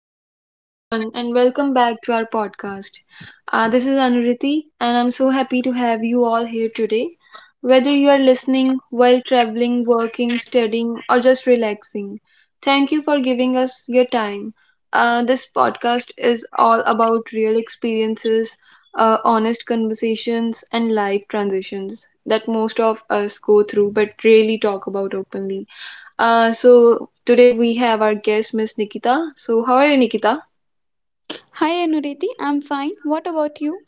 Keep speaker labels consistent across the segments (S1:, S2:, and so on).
S1: So, hello everyone, and welcome back to our podcast. This is Anuriti, and I'm so happy to have you all here today. Whether you are listening while traveling, working, studying, or just relaxing, thank you for giving us your time. This podcast is all about real experiences, honest conversations, and life transitions that most of us go through but rarely talk about openly. So today we have our guest, Miss Nikita. So how are you, Nikita?
S2: Hi Anuriti, I am fine, what about you?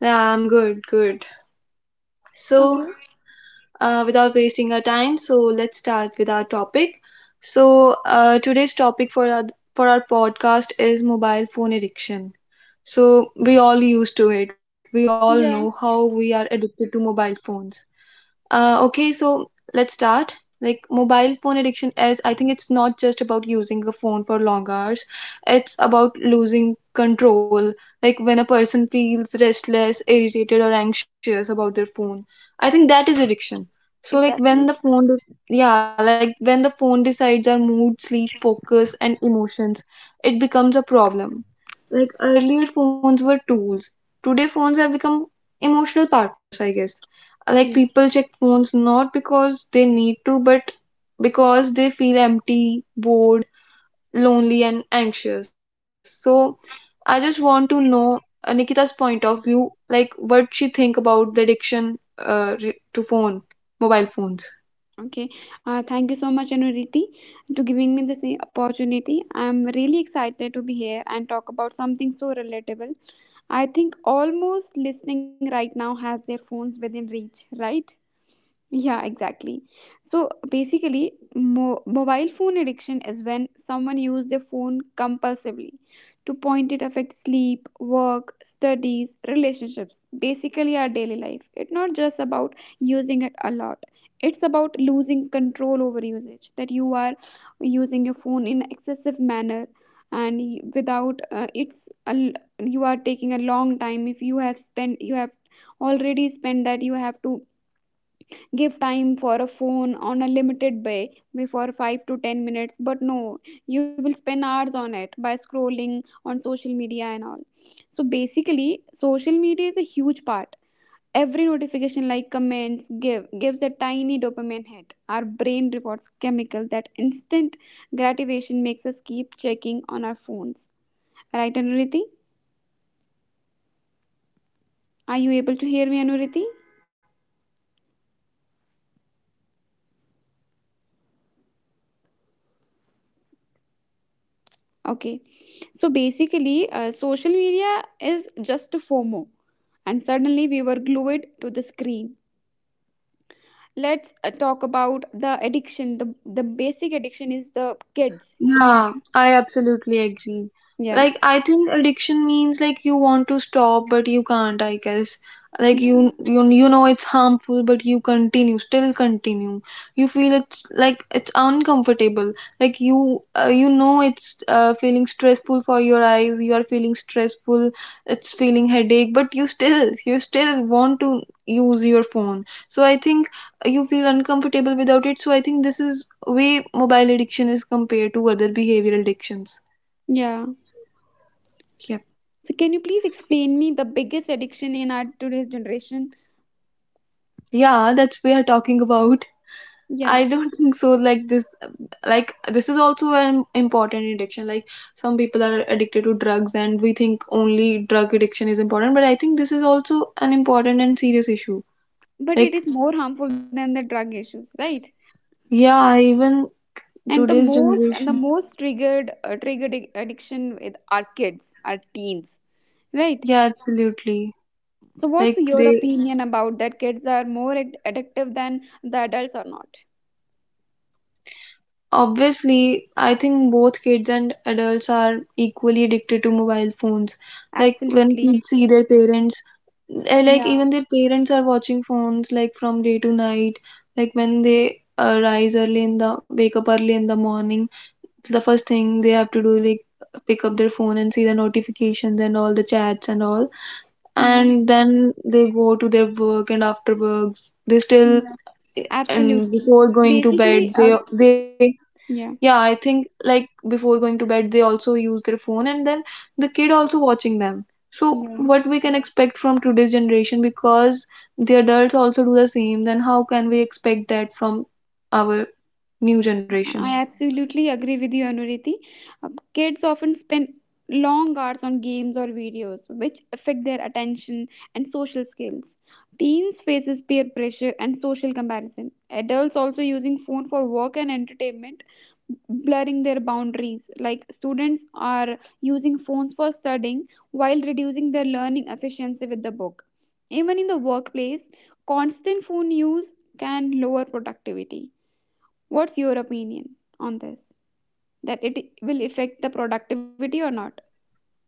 S1: Yeah, I'm good. So
S2: okay.
S1: uh, without wasting our time, so let's start with our topic. So, today's topic for our podcast is mobile phone addiction. So we all used to it. We all know how
S2: या।
S1: we are addicted to mobile phones. Okay, so let's start. Like mobile phone addiction is, I think it's not just about using a phone for long hours. It's about losing control. Like when a person feels restless, irritated, or anxious about their phone. I think that is addiction. So like when
S2: exactly.
S1: the yeah, like when the phone decides our mood, sleep, focus, and emotions, it becomes a problem. Like earlier phones were tools. Today phones have become emotional partners, I guess, like
S2: या।
S1: people check phones not because they need to but because they feel empty, bored, lonely, and anxious. So I just want to know Nikita's point of view, like what she think about the addiction to phone mobile phones.
S2: Okay. Thank you so much Anuriti to giving me this opportunity. I'm really excited to be here and talk about something so relatable. I think almost listening right now has their phones within reach, right? Yeah, exactly. So basically, mobile phone addiction is when someone uses their phone compulsively. To point it affects sleep, work, studies, relationships, basically our daily life. It's not just about using it a lot. It's about losing control over usage. That you are using your phone in excessive manner and y- without it's a l you are taking a long time. If you have spent, you have already spent, that you have to give time for a phone on a limited way before 5 to 10 minutes, but no, you will spend hours on it by scrolling on social media and all. So basically, social media is a huge part. Every notification like comments gives a tiny dopamine hit, our brain rewards chemical. That instant gratification makes us keep checking on our phones, right Anuriti? Are you able to hear me, Anuriti? Okay. So basically, social media is just FOMO, and suddenly we were glued to the screen. Let's talk about the addiction. The basic addiction is the kids.
S1: Yeah, I absolutely agree.
S2: Yeah.
S1: Like, I think addiction means like you want to stop, but you can't, I guess. Like
S2: Yeah.
S1: you know it's harmful, but you continue, still continue. You feel it's like it's uncomfortable. Like you know it's feeling stressful for your eyes. You are feeling stressful. It's feeling headache, but you still want to use your phone. So I think you feel uncomfortable without it. So I think this is way mobile addiction is compared to other behavioral addictions.
S2: Yeah.
S1: Yeah,
S2: So, can you please explain me the biggest addiction in our today's generation?
S1: yeah, that's we are talking about.
S2: Yeah.
S1: I don't think so. Like this is also an important addiction. Like some people are addicted to drugs, and we think only drug addiction is important. But I think this is also an important and serious issue.
S2: But it
S1: Like
S2: is more harmful than the drug issues, right?
S1: yeah, even today's
S2: And the
S1: generation.
S2: most triggered addiction with our kids, our teens, right?
S1: Yeah, absolutely.
S2: So,
S1: Like
S2: what's your
S1: they
S2: opinion about that? Kids are more addictive than the adults or not?
S1: obviously, I think both kids and adults are equally addicted to mobile phones. Like when
S2: Absolutely.
S1: kids see their parents, like
S2: Yeah.
S1: even their parents are watching phones like from day to night. Like when they rise early in the wake up early in the morning, the first thing they have to do, like pick up their phone and see the notifications and all the chats and all.
S2: Yeah.
S1: And then they go to their work and after works they still and
S2: Absolutely.
S1: before going to
S2: Basically,
S1: bed they yeah,
S2: yeah.
S1: I think, like before going to bed, they also use their phone, and then the kid also watching them. So,
S2: Yeah.
S1: what we can expect from today's generation because the adults also do the same, then how can we expect that from our new generation?
S2: I absolutely agree with you, Anuriti. Kids often spend long hours on games or videos, which affect their attention and social skills. Teens faces peer pressure and social comparison. Adults also using phone for work and entertainment, blurring their boundaries. Like students are using phones for studying while reducing their learning efficiency with the book. Even in the workplace, constant phone use can lower productivity. What's your opinion on this? That it will affect the productivity or not?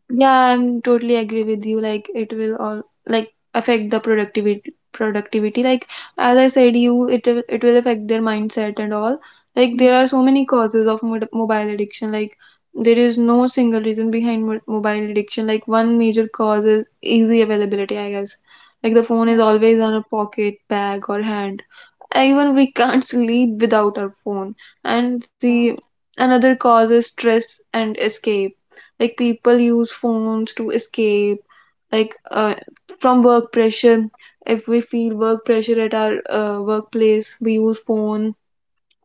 S1: Yeah, I'm totally agree with you. Like it will all like affect the productivity. Like as I said, you it will, it will affect their mindset and all. Like
S2: Mm.
S1: there are so many causes of mobile addiction. Like there is no single reason behind mobile addiction. Like one major cause is easy availability, I guess. Like the phone is always on a pocket, bag, or hand, even we can't sleep without our phone. And the
S2: Yeah.
S1: another cause is stress and escape, like people use phones to escape, like from work pressure. If we feel work pressure at our workplace, we use phone,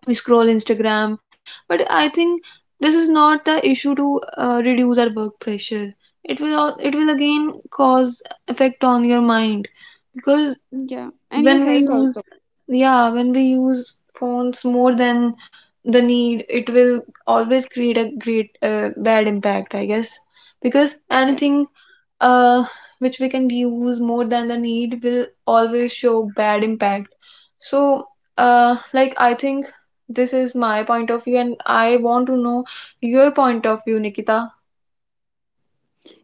S1: we scroll Instagram. But I think this is not the issue to reduce our work pressure. It will again cause effect on your mind, because
S2: Yeah. And your
S1: when we
S2: health
S1: use
S2: also.
S1: yeah, when we use phones more than the need, it will always create a great bad impact, I guess. Because anything uh, which we can use more than the need will always show bad impact. So like I think this is my point of view, and I want to know your point of view, Nikita.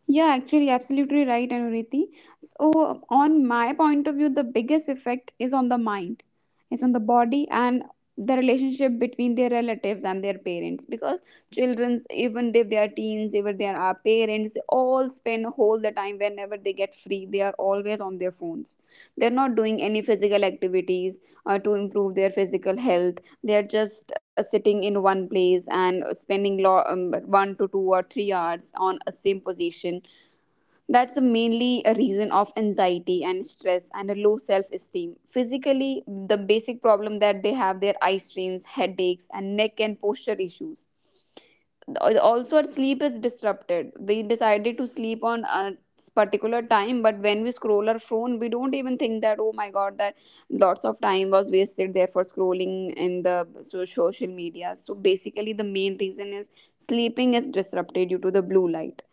S2: Yeah, actually, absolutely right, Anuriti. So, on my point of view, the biggest effect is on the mind, is on the body, and the relationship between their relatives and their parents. Because childrens, even if they are teens, even they are our parents, they all spend whole the time whenever they get free, they are always on their phones. They're not doing any physical activities to improve their physical health. They're just sitting in one place and spending 1 to 2 or 3 hours on a same position. That's the mainly a reason of anxiety and stress and a low self-esteem. Physically, the basic problem that they have their eye strains, headaches, and neck and posture issues. Also, our sleep is disrupted. We decided to sleep on a particular time, but when we scroll our phone, we don't even think that, oh my god, that lots of time was wasted there for scrolling in the social media. So basically, the main reason is sleeping is disrupted due to the blue light.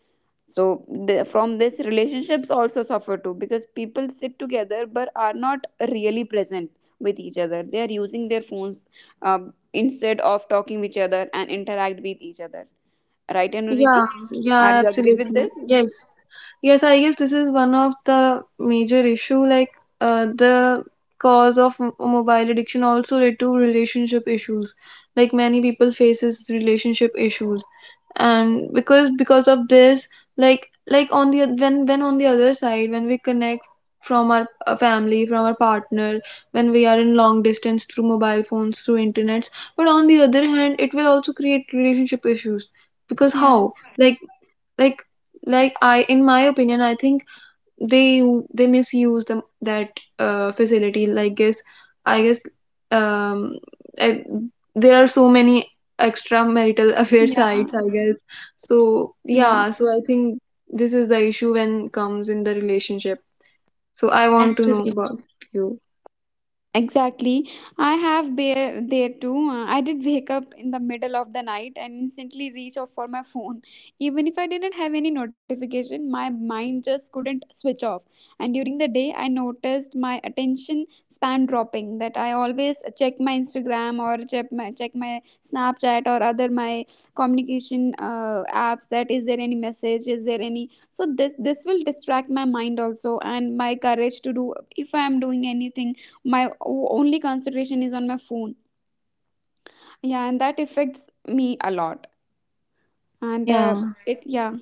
S2: So from this relationships also suffer too, because people sit together but are not really present with each other. They are using their phones instead of talking with each other and interact with each other, right Anuriti?
S1: Yeah, yeah,
S2: Are you agree with
S1: absolutely.
S2: this?
S1: Yes. Yes, I guess this is one of the major issue, like the cause of mobile addiction also led to relationship issues. Like many people faces relationship issues. And because of this, on the when, on the other side, when we connect from our family, from our partner, when we are in long distance through mobile phones, through internets, but on the other hand, it will also create relationship issues, because
S2: Yeah.
S1: how, like like I, in my opinion, I think they they misuse them, that facility, like guess I guess, um I, there are so many extramarital affair
S2: Yeah.
S1: sites, I guess. So
S2: Yeah.
S1: yeah, so I think this is the issue when comes in the relationship. So I want to
S2: Actually,
S1: know about you.
S2: exactly. I have bear there too. I did wake up in the middle of the night and instantly reach out for my phone. Even if I didn't have any notification, my mind just couldn't switch off. And during the day, I noticed my attention span dropping. That I always check my Instagram or check my Snapchat or other my communication apps. That is there any message? Is there any? So this will distract my mind also, and my courage to do if I am doing anything, my only concentration is on my phone. Yeah, and that affects me a lot. And
S1: Yeah,
S2: it yeah.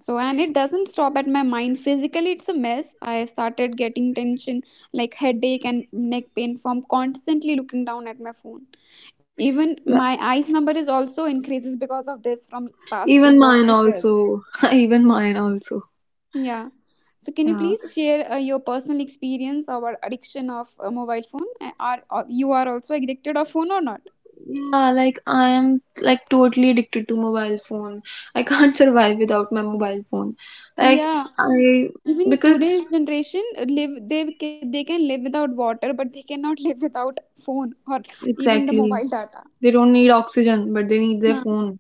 S2: So, and it doesn't stop at my mind. Physically, it's a mess. I started getting tension like headache and neck pain from constantly looking down at my phone. Even
S1: yeah.
S2: my eyes number is also increases because of this from past two
S1: Even
S2: or
S1: mine also, even mine also.
S2: yeah. So can you
S1: Yeah
S2: please share your personal experience or addiction of a mobile phone? Are you are also addicted of phone or not?
S1: Yeah, like I am like totally addicted to mobile phone. I can't survive without my mobile phone. Like
S2: Yeah,
S1: I,
S2: even
S1: because
S2: today's generation live they can live without water, but they cannot live without phone, or even the mobile
S1: exactly,
S2: data.
S1: they don't need oxygen, but they need their phones.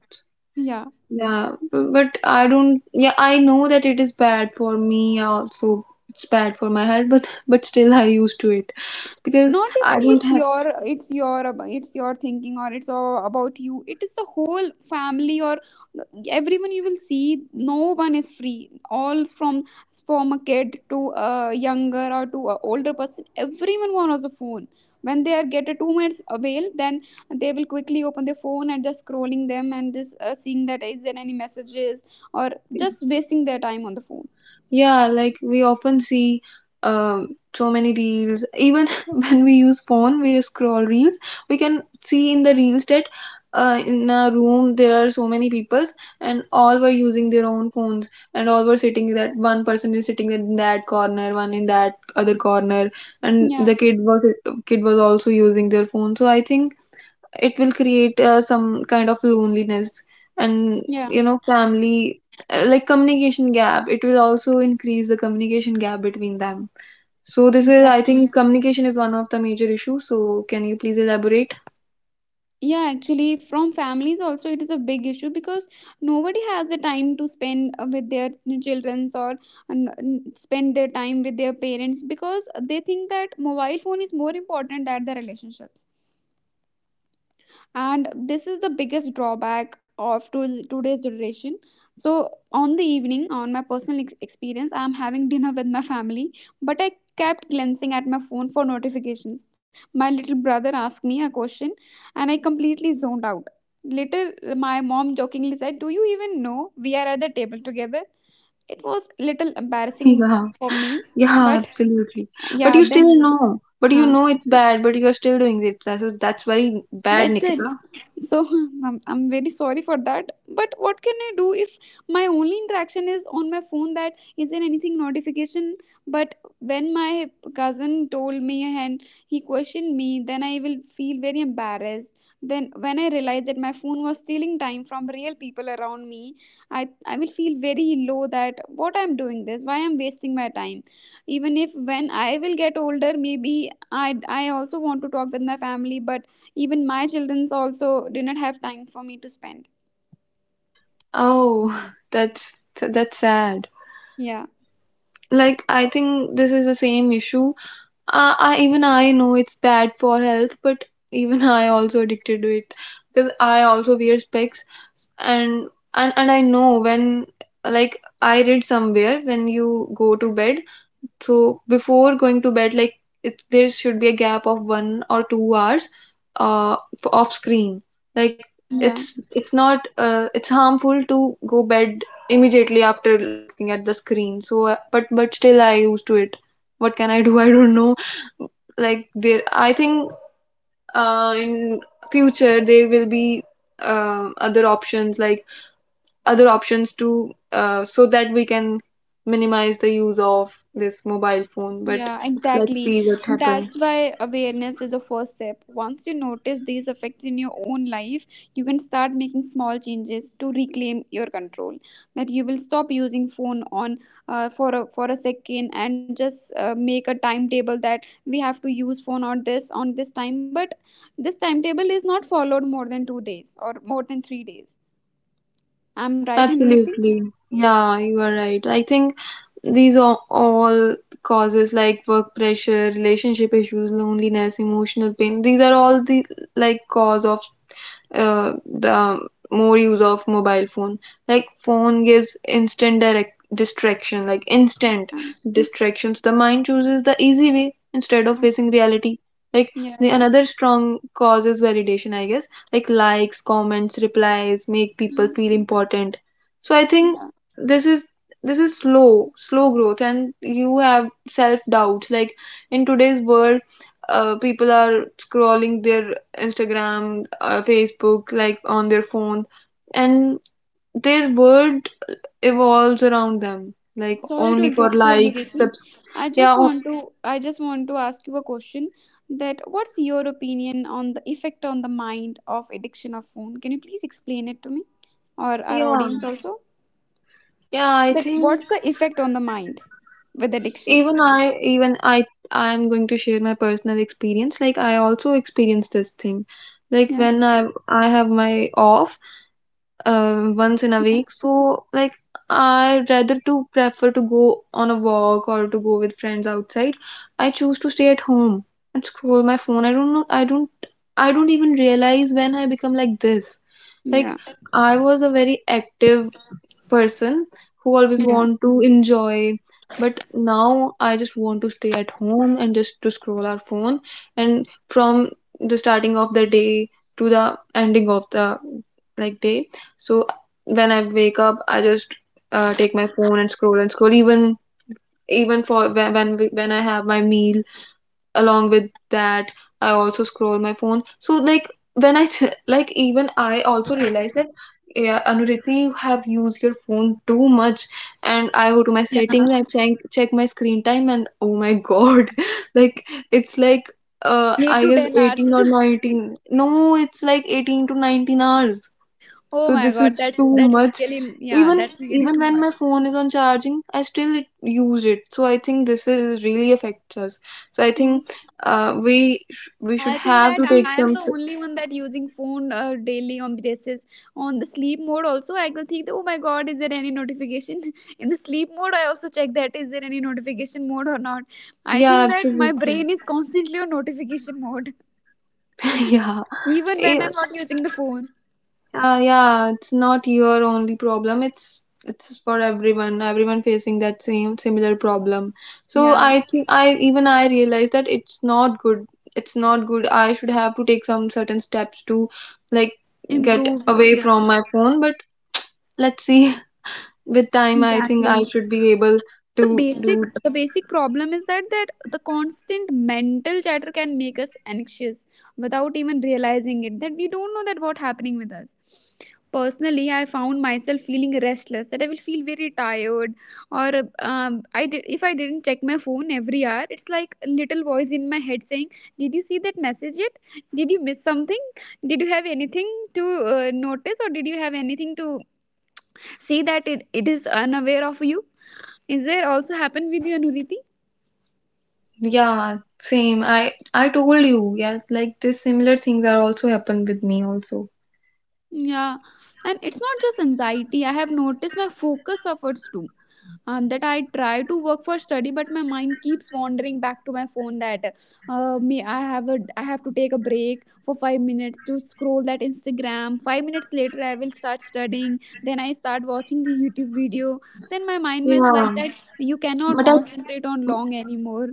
S2: Yeah,
S1: Yeah, but I don't. Yeah, I know that it is bad for me. Also, it's bad for my health, but but still I used to it, because
S2: not even
S1: I don't
S2: it's
S1: have.
S2: your, it's your it's your thinking, or it's all about you. It is the whole family or everyone. You will see no one is free, all from a kid to a younger or to a older person. Everyone wants a phone. When they are get a 2 minutes avail, then they will quickly open their phone and just scrolling them and just seeing that is there any messages, or just wasting their time on the phone.
S1: Yeah, like we often see so many reels. Even when we use phone, we scroll reels. We can see in the reels that in a room there are so many peoples, and all were using their own phones, and all were sitting, that one person is sitting in that corner, one in that other corner, and
S2: Yeah.
S1: the kid was also using their phone. So I think it will create some kind of loneliness, and
S2: Yeah,
S1: you know, family, like communication gap, it will also increase the communication gap between them. So this is, I
S2: exactly.
S1: think, communication is one of the major issues. So can you please elaborate?
S2: Yeah, actually, from families also, it is a big issue, because nobody has the time to spend with their childrens, or spend their time with their parents, because they think that mobile phone is more important than the relationships. And this is the biggest drawback of today's generation. So on the evening, on my personal experience, I am having dinner with my family, but I kept glancing at my phone for notifications. My little brother asked me a question, and I completely zoned out. Later, my mom jokingly said, do you even know we are at the table together? It was little embarrassing
S1: Yeah,
S2: for me.
S1: yeah,
S2: But
S1: absolutely. But
S2: yeah,
S1: you still know, but you
S2: huh,
S1: know it's bad, but you are still doing it, so that's very bad,
S2: that's
S1: Nikita.
S2: it. So, I'm very sorry for that, but what can I do if my only interaction is on my phone, that is there anything notification? But when my cousin told me and he questioned me, then I will feel very embarrassed. Then when I realize that my phone was stealing time from real people around me, I will feel very low. That what I'm doing this, why I'm wasting my time. Even if when I will get older, maybe I also want to talk with my family, but even my childrens also do not have time for me to spend.
S1: Oh, that's that's sad.
S2: Yeah,
S1: Like I think this is the same issue. I, even I know it's bad for health, but even I also addicted to it, because I also wear specs. And, and I know when, like I read somewhere, when you go to bed, so before going to bed, like there should be a gap of 1 or 2 hours off screen. Like
S2: yeah,
S1: it's not it's harmful to go bed immediately after looking at the screen. So but but still I used to it. What can I do? I don't know, like there, I think in future there will be uh, other options like other options to, so that we can minimize the use of this mobile phone. But
S2: yeah,
S1: let's
S2: exactly.
S1: see what happens.
S2: That's why awareness is the first step. Once you notice these effects in your own life, you can start making small changes to reclaim your control. That you will stop using phone on for a second, and just make a timetable that we have to use phone on this time, but this timetable is not followed more than 2 days or more than 3 days. I'm right, Anuriti?
S1: Absolutely, yeah, you are right, I think. These are all causes, like work pressure, relationship issues, loneliness, emotional pain, these are all the like cause of the more use of mobile phone. Like phone gives instant direct distraction, like instant
S2: Uh,
S1: distractions. The mind chooses the easy way instead of facing reality. Like
S2: Yeah,
S1: the
S2: yeah.
S1: another strong cause is validation, I guess. Like likes, comments, replies make people
S2: Mm.
S1: feel important. So I think this is, this is slow, slow growth, and you have self doubts. Like in today's world, people are scrolling their Instagram, Facebook, like on their phone, and their world evolves around them, like
S2: Sorry to
S1: only for
S2: interrupt you,
S1: likes,
S2: Anuriti.
S1: subs.
S2: I
S1: Yeah,
S2: just
S1: o-
S2: want to ask you a question. That what's your opinion on the effect on the mind of addiction of phone? Can you please explain it to me or our
S1: yeah,
S2: audience also?
S1: yeah. I
S2: That
S1: think
S2: what's the effect on the mind with addiction?
S1: even I, I'm going to share my personal experience. Like I also experienced this thing. Like
S2: Yeah.
S1: when I have my off, once in a
S2: Yeah.
S1: week. So like I rather to prefer to go on a walk or to go with friends outside. I choose to stay at home and scroll my phone. I don't know. I don't. I don't even realize when I become like this. Like
S2: Yeah.
S1: I was a very active person who always
S2: Yeah.
S1: want to enjoy, but now I just want to stay at home and just to scroll our phone, and from the starting of the day to the ending of the like day. So when I wake up, I just take my phone and scroll and scroll. Even for when I have my meal along with that, I also scroll my phone. So like when like even I also realized that, yeah, Anuriti, you have used your phone too much, and I go to my settings and check my screen time, and oh my god, like it's like
S2: 8
S1: I
S2: to
S1: guess
S2: 10 hours.
S1: 18 or 19. No, it's like 18 to 19 hours.
S2: Oh
S1: So
S2: my
S1: this
S2: god,
S1: is
S2: that's
S1: too
S2: that's
S1: much.
S2: really, yeah,
S1: Even
S2: that's really
S1: even
S2: too
S1: when my phone is on charging, I still use it. So I think this is really affects us. So I
S2: much.
S1: think we
S2: I
S1: should
S2: think
S1: have
S2: that
S1: to
S2: I
S1: take
S2: am the
S1: some. S-
S2: only one that using phone daily on basis. On the sleep mode also, I could think that, oh my god, is there any notification? In the sleep mode, I also check that is there any notification mode or not. I
S1: yeah,
S2: think that my
S1: absolutely.
S2: brain is constantly on notification mode.
S1: Yeah,
S2: Even
S1: eh,
S2: when I'm not using the phone,
S1: Yeah, it's not your only problem. It's for everyone. Everyone facing that same similar problem. So
S2: yeah,
S1: I think I even I realized that it's not good. It's not good. I should have to take some certain steps to like get
S2: improve your,
S1: away
S2: yeah,
S1: from my phone. But let's see. With time, I think I
S2: exactly.
S1: should be able to do.
S2: The basic problem is that the constant mental chatter can make us anxious without even realizing it. That we don't know that what happening with us. Personally, I found myself feeling restless. That I will feel very tired or I did if I didn't check my phone every hour. It's like a little voice in my head saying, did you see that message yet? Did you miss something? Did you have anything to notice? Or did you have anything to see that it is unaware of you? Is there also happen with you, Anuriti?
S1: Yeah, same. I told you. Yeah, like this similar things are also happen with me also.
S2: Yeah. And it's not just anxiety, I have noticed my focus suffers too. That I try to work for study, but my mind keeps wandering back to my phone. That may I have a I have to take a break for 5 minutes to scroll that Instagram. 5 minutes later, I will start studying. Then I start watching the YouTube video. Then my mind was like
S1: Yeah,
S2: that. You cannot
S1: but I
S2: concentrate on long anymore.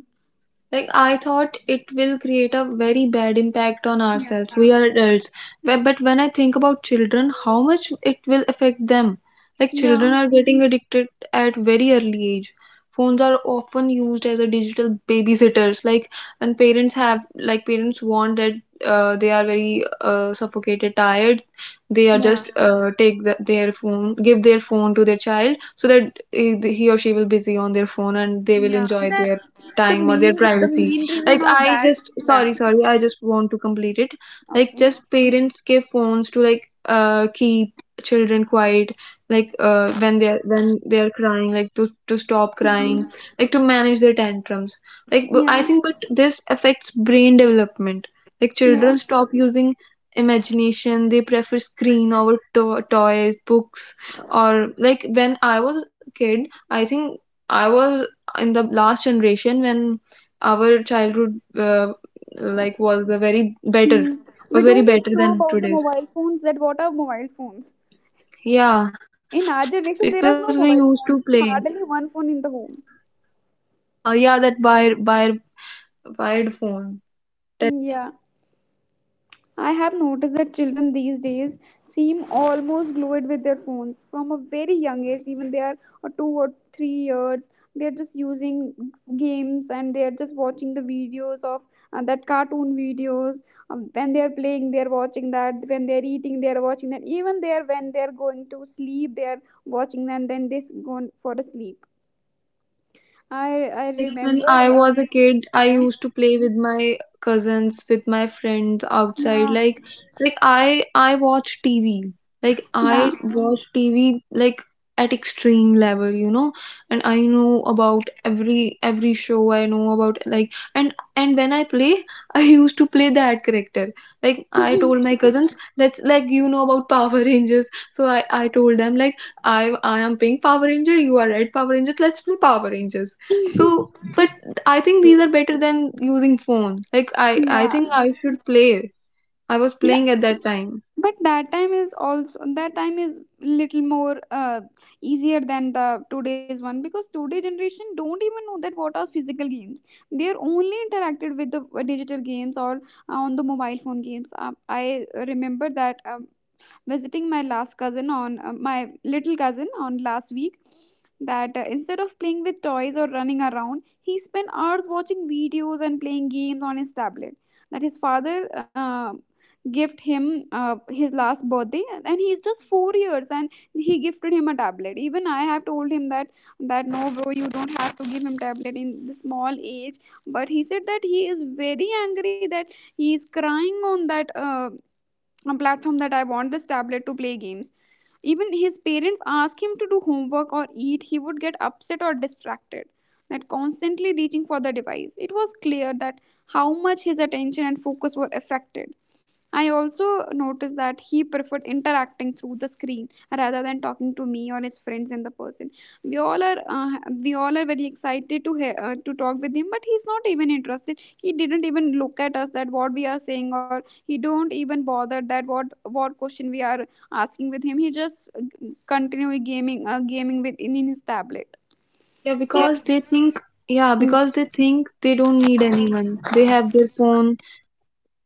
S1: like I thought it will create a very bad impact on ourselves. We are adults. But when I think about children, how much it will affect them. Like children
S2: Yeah,
S1: are getting addicted at very early age. Phones are often used as a digital babysitters. Like when parents have, like parents want that they are very suffocated, tired. They are
S2: yeah.
S1: just take the, their phone, give their phone to their child so that he or she will busy on their phone and they will
S2: Yeah,
S1: enjoy
S2: that
S1: their
S2: the
S1: time or their
S2: main the
S1: privacy.
S2: main reason
S1: Like
S2: of
S1: I
S2: that.
S1: just
S2: Yeah.
S1: sorry, sorry, I just want to complete it. Like
S2: Okay.
S1: just parents give phones to like keep children quiet, like when they're crying, like to stop
S2: Mm,
S1: crying, like to manage their tantrums, like b- i
S2: yeah.
S1: think but this affects brain development. Like
S2: Yeah.
S1: children stop using imagination. They prefer screen over toys, books, or like when I was a kid, I think I was in the last generation when our childhood like was a very better,
S2: Mm. We
S1: was
S2: don't
S1: very
S2: even know
S1: better
S2: about the
S1: than
S2: mobile
S1: today's.
S2: phones. That what are mobile phones? In our
S1: Yeah,
S2: generation, there is no
S1: because we
S2: mobile
S1: used
S2: phones.
S1: to play
S2: Hardly one phone in the home.
S1: ah, yeah, that wire wired phone.
S2: Hmm, yeah. I have noticed that children these days seem almost glued with their phones from a very young age, even they are a 2 or 3 years. They are just using games and they are just watching the videos of that cartoon videos. When they are playing, they are watching that. When they are eating, they are watching that. Even there, when they are going to sleep, they are watching that, and then they go for a sleep. I
S1: Yeah,
S2: I
S1: like when
S2: remember.
S1: I was a kid, I
S2: Yeah.
S1: used to play with my cousins, with my friends outside.
S2: Yeah.
S1: Like I watch TV. Like
S2: Yeah.
S1: I watch TV like at extreme level, you know. And I know about every show. I know about like, and when I play, I used to play that character. Like I told my cousins, let's like you know about Power Rangers. So I told them like I I am pink Power Ranger, you are red Power Rangers. Let's play Power Rangers. So, but I think these are better than using phone. Like I
S2: Yeah.
S1: think I should play. I was
S2: Yeah.
S1: playing at that time.
S2: But that time is little more easier than the today's one, because today generation don't even know that what are physical games. They are only interacted with the digital games or on the mobile phone games. I remember that, visiting my little cousin on last week, that instead of playing with toys or running around, he spent hours watching videos and playing games on his tablet. That his father gift him his last birthday, and he's just 4 years, and he gifted him a tablet. Even I have told him that that no, bro, you don't have to give him tablet in this small age. But he said that he is very angry, that he is crying on that a platform that I want this tablet to play games. Even his parents ask him to do homework or eat, he would get upset or distracted. That constantly reaching for the device. It was clear that how much his attention and focus were affected. I also noticed that he preferred interacting through the screen rather than talking to me or his friends in the person. We all are uh, we all are very excited to hear, to talk with him, but he's not even interested. He didn't even look at us that what we are saying, or he don't even bother that what question we are asking with him. He just continue gaming, in his tablet.
S1: Yeah,
S2: So. Like,
S1: because they think, yeah, because they think they don't need anyone. They have their phone.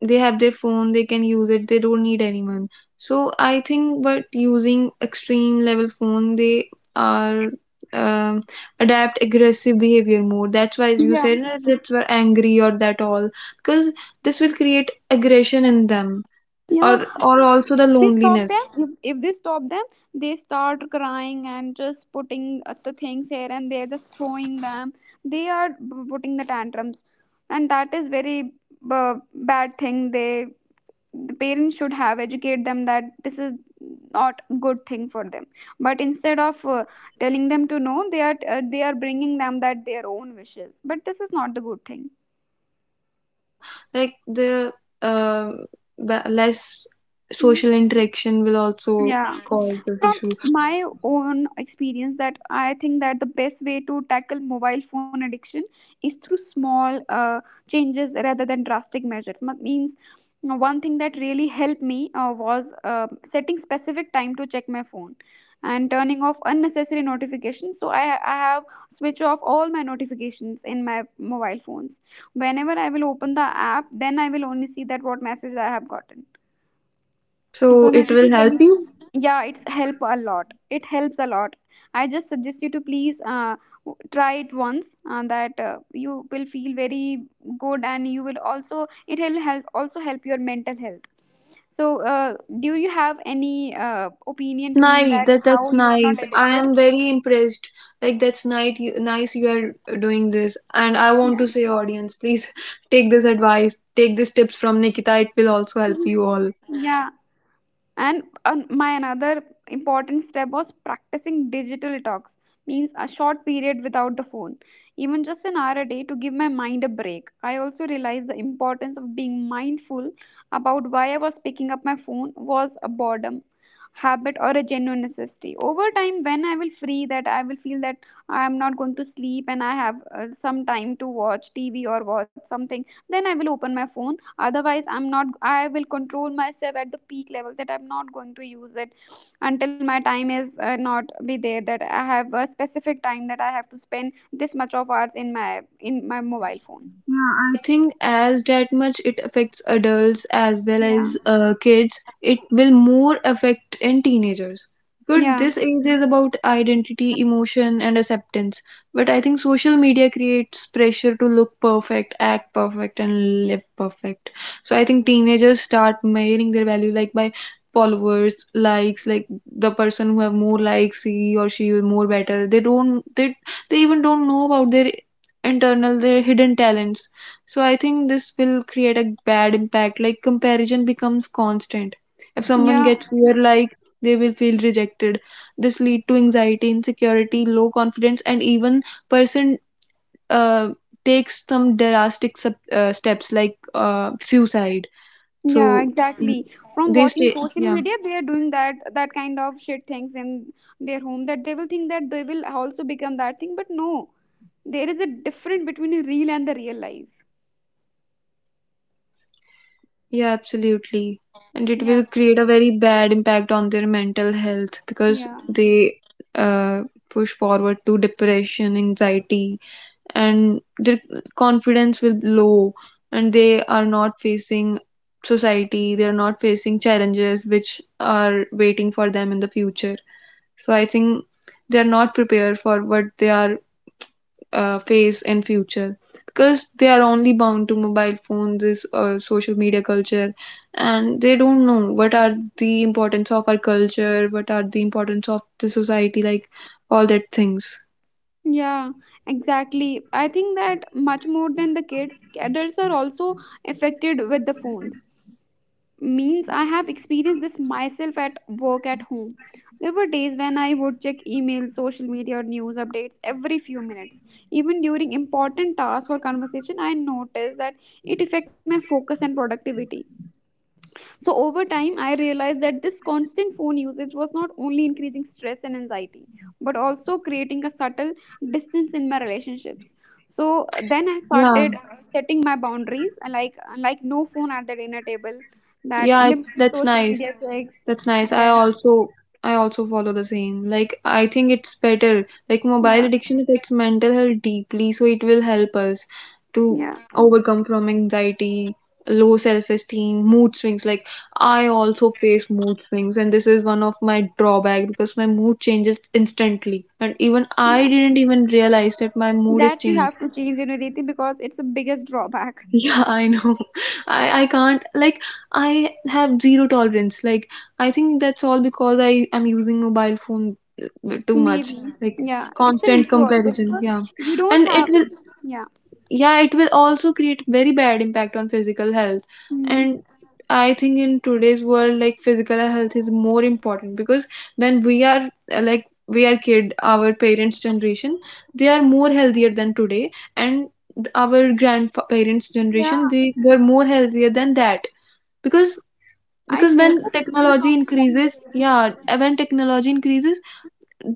S1: They have their phone. They can use it. They don't need anyone. So I think, but using extreme level phone, they are um adapt aggressive behavior more. That's why you
S2: yeah,
S1: said that, that's why angry or that all, because this will create aggression in them,
S2: yeah,
S1: or also the
S2: we stop them.
S1: loneliness.
S2: If they stop them, they start crying and just putting the things here and they're just throwing them. They are putting the tantrums, and that is very uh, bad thing. They, the parents should have educate them that this is not good thing for them, but instead of telling them to no, they are they are bringing them that their own wishes, but this is not the good thing.
S1: Yeah, like uh, the less
S2: Mm.
S1: social interaction will also
S2: Yeah,
S1: cause this
S2: from
S1: issue.
S2: my own experience that I think that the best way to tackle mobile phone addiction is through small changes rather than drastic measures. Means, you know, one thing that really helped me was setting specific time to check my phone and turning off unnecessary notifications, so I have switch off all my notifications in my mobile phones. Whenever I will open the app, then I will only see that what message I have gotten.
S1: So
S2: So
S1: it will
S2: Naviti, can
S1: help
S2: you?
S1: you.
S2: Yeah, it's help a lot. It helps a lot. I just suggest you to please, try it once. That you will feel very good, and you will also it will help, also help your mental health. So, do you have any
S1: Like that's
S2: opinion to me
S1: nice,
S2: that
S1: that that's
S2: how you are not
S1: nice. I
S2: addicted?
S1: am very impressed. Like that's nice you are doing this, and I want
S2: Yeah.
S1: to say audience, please, take this advice, take these tips from Nikita. It will also
S2: Mhm.
S1: help you all.
S2: Yeah, and an my another important step was practicing digital talks, means a short period without the phone, even just an hour a day, to give my mind a break. I also realized the importance of being mindful about why I was picking up my phone, was a boredom habit or a genuine necessity. Over time, when I will free, that I will feel that I am not going to sleep and I have some time to watch TV or watch something, then I will open my phone. Otherwise, I'm not I will control myself at the peak level that I'm not going to use it until my time is not be there, that I have a specific time that I have to spend this much of hours in my mobile phone.
S1: Yeah, I think as that much it affects adults as well
S2: Yeah,
S1: as kids, it will more affect in teenagers. Because
S2: yeah,
S1: this age is about identity, emotion, and acceptance. But I think social media creates pressure to look perfect, act perfect, and live perfect. So I think teenagers start measuring their value like by followers, likes, like the person who have more likes, he or she will more better. They they even don't know about their internal, their hidden talents. So I think this will create a bad impact. Like comparison becomes constant. If someone
S2: yeah.
S1: gets fear, like they will feel rejected. This lead to anxiety, insecurity, low confidence, and even person uh, takes some drastic steps like suicide.
S2: Yeah,
S1: So mm,
S2: exactly. From
S1: they
S2: watching
S1: stay,
S2: social
S1: yeah.
S2: media, they are doing that kind of shit things in their home, that they will think that they will also become that thing, but no, there is a difference between a real and the real life.
S1: Yeah, absolutely. And it
S2: Yeah,
S1: will create a very bad impact on their mental health because
S2: yeah,
S1: they uh, push forward to depression, anxiety, and their confidence will be low, and they are not facing society, they are not facing challenges which are waiting for them in the future. So I think they are not prepared for what they are face in future, because they are only bound to mobile phones, this social media culture, and they don't know what are the importance of our culture, what are the importance of the society, like all that things.
S2: yeah, exactly. I think that much more than the kids, adults are also affected with the phones. Means I have experienced this myself at work, at home. There were days when I would check emails, social media, or news updates every few minutes. Even during important tasks or conversation, I noticed that it affect my focus and productivity. So over time, I realized that this constant phone usage was not only increasing stress and anxiety, but also creating a subtle distance in my relationships. So then I
S1: Yeah.
S2: started setting my boundaries, like no phone at the dinner table, that
S1: Yeah, it's,
S2: limited
S1: that's
S2: social
S1: nice.
S2: media checks.
S1: That's nice. I
S2: Yeah,
S1: also, I also follow the same. Like I think it's better. Like
S2: yeah,
S1: mobile addiction affects mental health deeply, so it will help us to
S2: yeah,
S1: overcome from anxiety, low self-esteem, mood swings. Like I also face mood swings, and this is one of my drawback because my mood changes instantly. And even I
S2: yeah.
S1: didn't even realize that my mood is
S2: That you
S1: changing.
S2: have to change, you know, Riti, because it's the biggest drawback.
S1: Yeah, I know. I can't, like I have zero tolerance. Like I think that's all because I am using mobile phone too much.
S2: Maybe,
S1: Like
S2: yeah, it's an
S1: constant
S2: issue also
S1: comparison,
S2: because
S1: yeah,
S2: we don't
S1: and it
S2: have,
S1: will,
S2: yeah,
S1: yeah, it will also create very bad impact on physical health.
S2: mm,
S1: And I think in today's world, like physical health is more important because when we are like we are kid, our parents generation, they are more healthier than today, and our grandparents generation,
S2: yeah.
S1: they were more healthier than that. because
S2: I
S1: because when
S2: never listen from
S1: technology
S2: my
S1: increases,
S2: grandparents.
S1: yeah, when technology increases,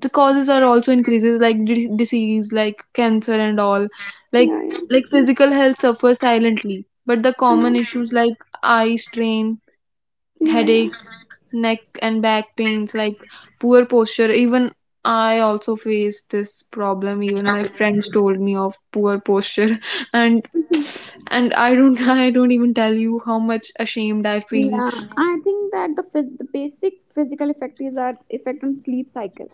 S1: the causes are also increases, like disease like cancer and all. like
S2: Yeah,
S1: like physical health suffers silently, but the
S2: yeah,
S1: common issues like eye strain,
S2: yeah, yeah,
S1: headaches,
S2: yeah.
S1: neck and back pains, like poor posture. Even I also face this problem. Even my friends told me of poor posture. and
S2: Mhm.
S1: and I don't I don't even tell you how much ashamed I feel.
S2: Yeah, I think that the the basic physical effect is our effect on sleep cycle.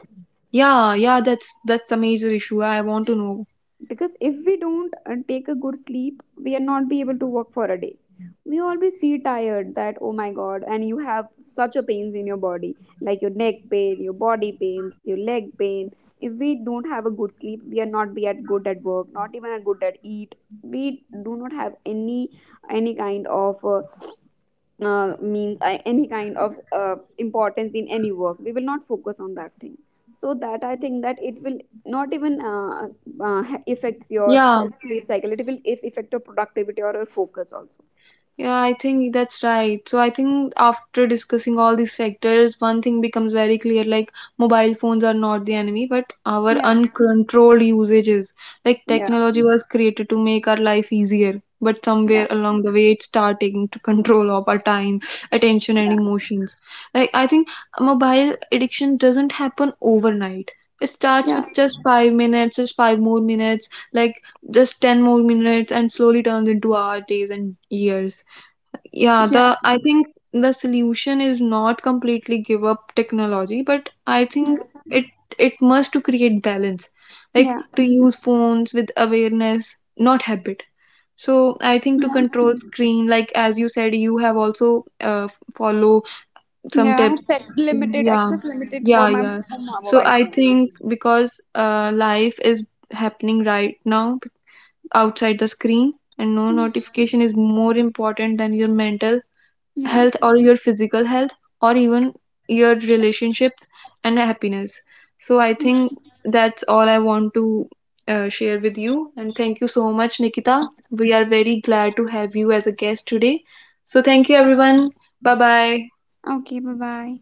S1: Yeah, yeah, that's a major issue. I want to know.
S2: Because if we don't take a good sleep, we are not be able to work for a day. We always feel tired, that oh my god, and you have such a pains in your body, like your neck pain, your body pains, your leg pain. If we don't have a good sleep, we are not be at good at work, not even at good at eat. We do not have any kind of means I, any kind of importance in any work. We will not focus on that thing. So that I think that it will not even affects your
S1: Yeah.
S2: sleep cycle, it will if affect your productivity or your focus also.
S1: Yeah, I think that's right. So I think after discussing all these factors, one thing becomes very clear. Like mobile phones are not the enemy, but our
S2: Yeah,
S1: uncontrolled usages. Like
S2: yeah,
S1: technology was created to make our life easier, but
S2: yeah,
S1: somewhere along the way it started taking to control of our time, attention, and
S2: yeah,
S1: emotions. Like I think mobile addiction doesn't happen overnight. It starts
S2: yeah,
S1: with just 5 minutes, just 5 more minutes, like just 10 more minutes, and slowly turns into our days and years. Yeah, the
S2: yeah,
S1: I think the solution is not completely give up technology, but I think
S2: yeah,
S1: it, it must to create balance. Like
S2: yeah.
S1: to use phones with awareness, not habit. So I think to control Mhm. screen, like as you said, you have also uh, follow some
S2: Yeah, I have
S1: tip.
S2: set limited
S1: Yeah,
S2: access, limited
S1: yeah, yeah.
S2: for my
S1: So
S2: mobile
S1: I
S2: phone.
S1: think because life is happening right now outside the screen, and no notification is more important than your mental
S2: Yeah.
S1: health or your physical health or even your relationships and happiness. So I think that's all I want to share with you, and thank you so much, Nikita. We are very glad to have you as a guest today. So thank you everyone. Bye bye.
S2: Okay, bye bye.